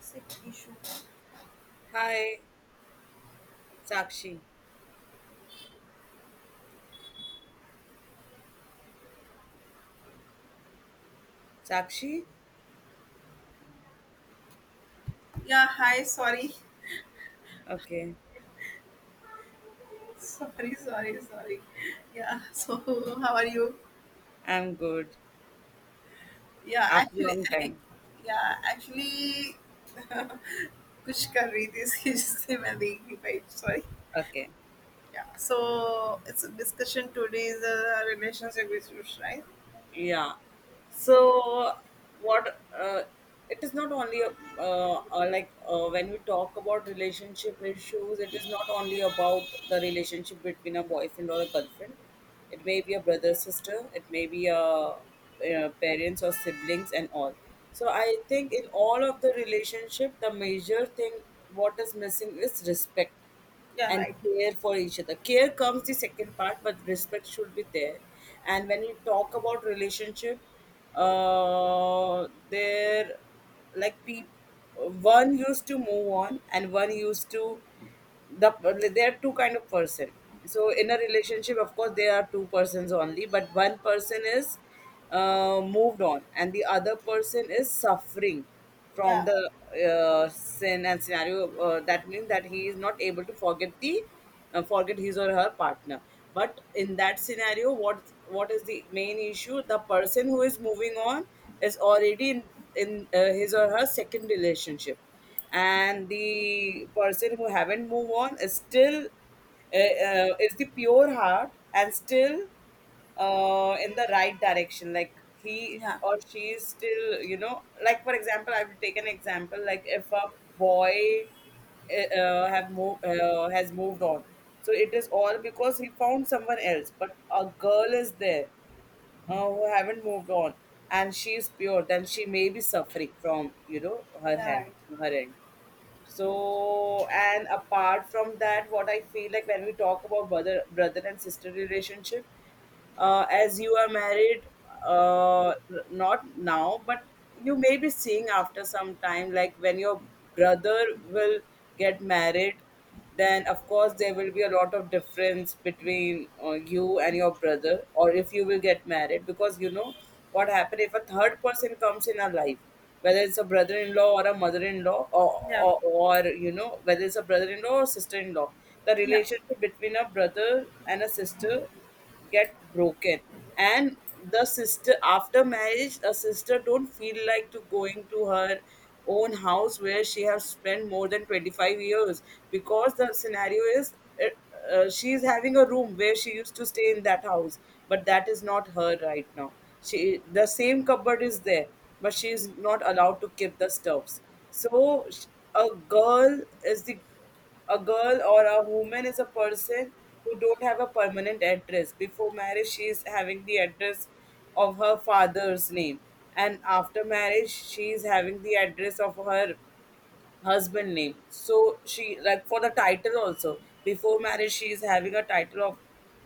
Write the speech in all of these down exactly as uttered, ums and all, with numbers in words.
Sick issue. Hi, Sakshi. Sakshi? Yeah, hi, sorry. Okay, Sorry, sorry, sorry. Yeah, so how are you? I'm good. Yeah, After actually, long time. yeah, actually, कुछ कर रही थी इसकी जिससे मैं देख नहीं पाई sorry Okay. Yeah so it's discussion today is relationship issues right Yeah, so what uh, it is not only uh, uh, like uh, when we talk about relationship issues, it is not only about the relationship between a boyfriend or a girlfriend. It may be a brother sister, it may be a, uh parents or siblings and all. So I think in all of the relationship, the major thing what is missing is respect yeah and right care for each other. Care comes the second part, but respect should be there. And when we talk about relationship, uh, there like people, one used to move on and one used to the there are two kind of person. So in a relationship, of course, there are two persons only, but one person is uh, moved on and the other person is suffering या from the uh, sin and scenario, uh, that means that he is not able to forget the uh, forget his or her partner. But in that scenario, what what is the main issue? The person who is moving on is already in, in uh, his or her second relationship, and the person who haven't moved on is still uh, uh, is the pure heart and still uh, in the right direction. Like he Yeah. or she is still, you know, like, for example, I will take an example. Like if a boy uh, have moved uh, has moved on, so it is all because he found someone else, but a girl is there uh, who haven't moved on, and she is pure, then she may be suffering from, you know, her yeah hand right her end. So, and apart from that, what I feel like, when we talk about brother brother and sister relationship, uh, as you are married, uh, r- not now, but you may be seeing after some time. Like when your brother will get married, then of course there will be a lot of difference between uh, you and your brother, or if you will get married, because, you know, what happened if a third person comes in our life, whether it's a brother-in-law or a mother-in-law, or, या or, or you know, whether it's a brother-in-law or sister-in-law, the या relationship between a brother and a sister get broken. And the sister, after marriage, a sister don't feel like to going to her own house where she has spent more than twenty-five years, because the scenario is uh, uh, she is having a room where she used to stay in that house, but that is not her right now. She the same cupboard is there, but she is not allowed to keep the stuffs. so sh- a girl is the a girl or a woman is a person who don't have a permanent address. Before marriage, she is having the address of her father's name, and after marriage, she is having the address of her husband name. So she, like, for the title also, before marriage she is having a title of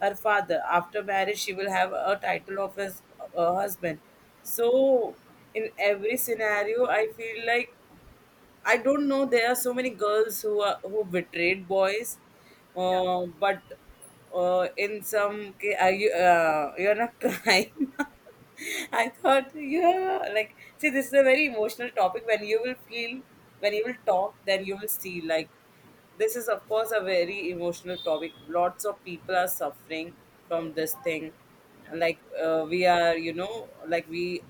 her father. After marriage, she will have a title of his uh, husband. So in every scenario, I feel like, I don't know. There are so many girls who are who betrayed boys, uh, but uh, in some ca- are you uh, you're not crying. I thought, yeah, like, see, this is a very emotional topic. When you will feel, when you will talk, then you will see. Like, this is of course a very emotional topic. Lots of people are suffering from this thing. Like, uh, we are, you know, like, we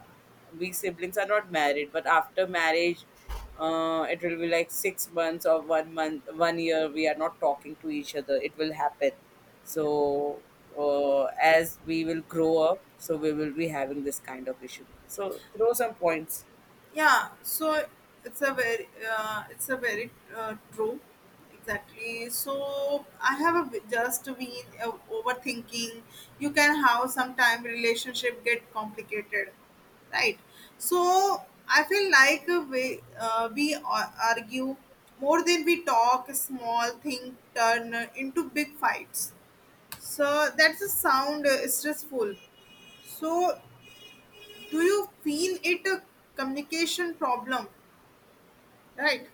we siblings are not married, but after marriage uh, it will be like six months or one month one year, we are not talking to each other, it will happen. So uh, as we will grow up, so we will be having this kind of issue. So throw some points. Yeah, so it's a very, uh, it's a very uh, true, exactly. So I have a, bit- just been uh, overthinking. You can have sometime relationship get complicated, right? So I feel like uh, we uh, we ar- argue more than we talk. Small thing turn into big fights. So that's a sound uh, stressful. So do you feel it a communication problem? Right.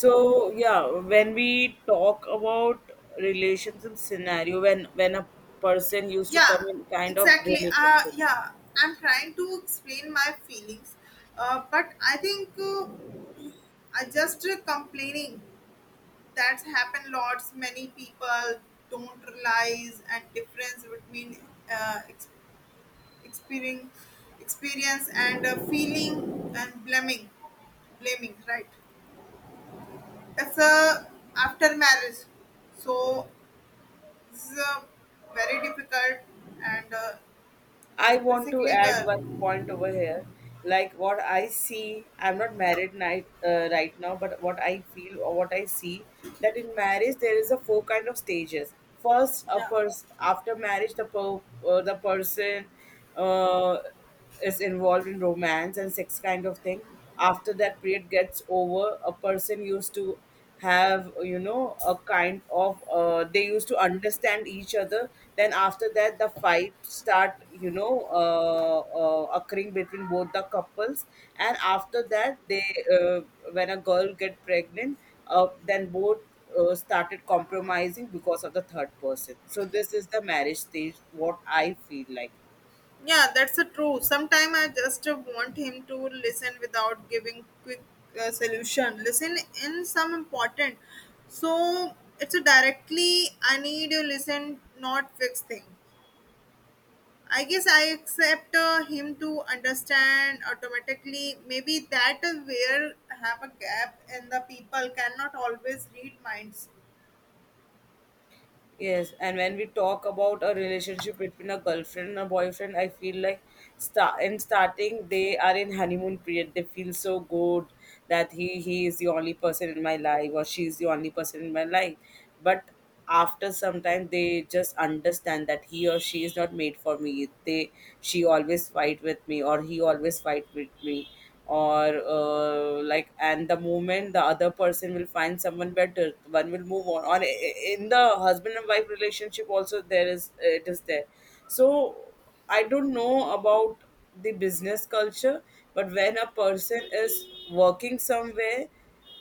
So yeah, when we talk about relations and scenario, when when a person used to come Yeah, in kind of exactly. Uh, relationship. yeah, I'm trying to explain my feelings, uh, but I think uh, I just uh, complaining. That's happened lots. Many people don't realize and difference between uh, ex- experiencing experience and uh, feeling and blaming blaming, right? It's a after marriage, so this is a very difficult and uh, I want to basically add girl. one point over here. Like what I see, I'm not married night, uh, right now, but what I feel or what I see, that in marriage there is a four kind of stages. First, a Yeah, pers- after marriage, the per- uh, the person uh, is involved in romance and sex kind of thing. After that period gets over, a person used to have, you know, a kind of, uh, they used to understand each other. Then after that the fight start, you know, uh, uh, occurring between both the couples. And after that they uh, when a girl get pregnant, uh, then both uh, started compromising because of the third person. So this is the marriage stage what I feel like. yeah, that's a true. Sometimes I just uh, want him to listen without giving quick uh, solution. Listen in some important. So it's a directly I need to listen, not fix thing. I guess I accept uh, him to understand automatically. Maybe that is where I have a gap, and the people cannot always read minds. Yes, and when we talk about a relationship between a girlfriend and a boyfriend, I feel like, start in starting they are in honeymoon period. They feel so good that he he is the only person in my life, or she is the only person in my life. But after some time, they just understand that he or she is not made for me. They, she always fight with me, or he always fight with me, or uh, like, and the moment the other person will find someone better, one will move on, or i- i- in the husband and wife relationship also, there is, it is there. So I don't know about the business culture, but when a person is working somewhere,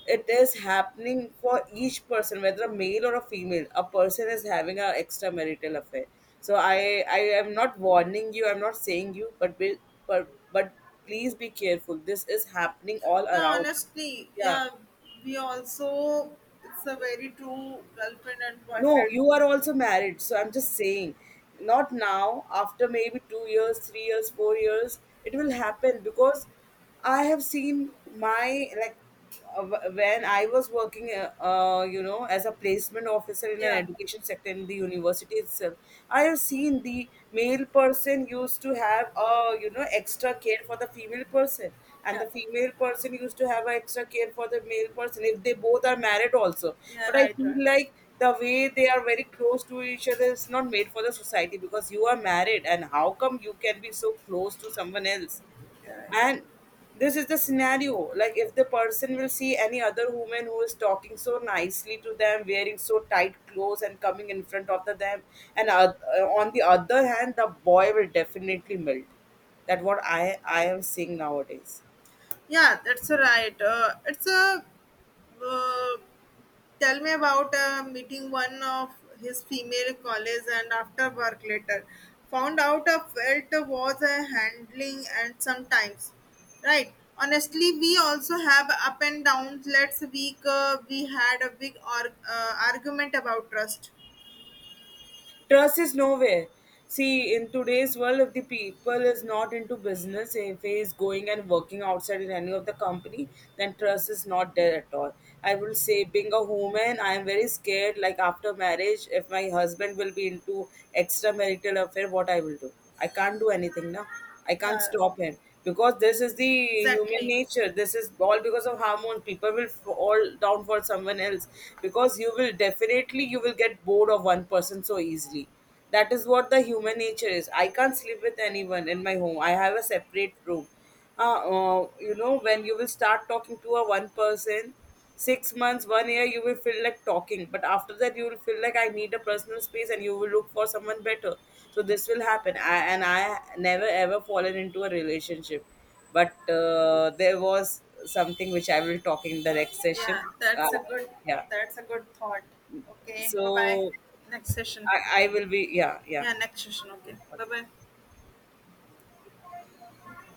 it is happening for each person, whether a male or a female, a person is having an extramarital affair. So i i am not warning you, I'm not saying you, but be, but but please be careful, this is happening all Yeah, around. honestly, Yeah. yeah, we also it's a very true girlfriend and No, boyfriend. you are also married. So I'm just saying, not now, after maybe two years, three years, four years, it will happen, because I have seen my, like, uh, wh- when I was working, uh, uh, you know, as a placement officer in an Yeah, education sector in the university itself, I have seen the male person used to have, uh, you know, extra care for the female person, and yeah, the female person used to have a extra care for the male person, if they both are married also. yeah, But I right, right, feel like, the way they are very close to each other is not made for the society, because you are married and how come you can be so close to someone else. yeah, right. And this is the scenario. Like if the person will see any other woman who is talking so nicely to them, wearing so tight clothes and coming in front of the them, and oth- uh, on the other hand, the boy will definitely melt. That what i i am seeing nowadays. Yeah, that's right. Uh, it's a uh, tell me about uh, meeting one of his female colleagues and after work later found out a felt was a handling and sometimes right, honestly, we also have up and downs. Let's week uh, we had a big arg uh, argument about trust. Trust is nowhere. See, in today's world, if the people is not into business, if he is going and working outside in any of the company, then trust is not there at all. I will say, being a woman, I am very scared. Like after marriage, if my husband will be into extramarital affair, what I will do? I can't do anything now. I can't Yeah, stop him, because this is the human exactly. nature. This is all because of hormones. People will fall down for someone else, because you will definitely, you will get bored of one person so easily. That is what the human nature is. I can't sleep with anyone in my home, I have a separate room. Uh, uh, you know, when you will start talking to a one person six months, one year, you will feel like talking. But after that, you will feel like, I need a personal space, and you will look for someone better. So this will happen. I, and I never ever fallen into a relationship. But uh, there was something which I will talk in the next session. Yeah, Uh, that's a good yeah. that's a good thought. Okay, bye bye. So Next session. I, I will be, yeah, yeah. Yeah, next session. Okay, bye bye. Okay.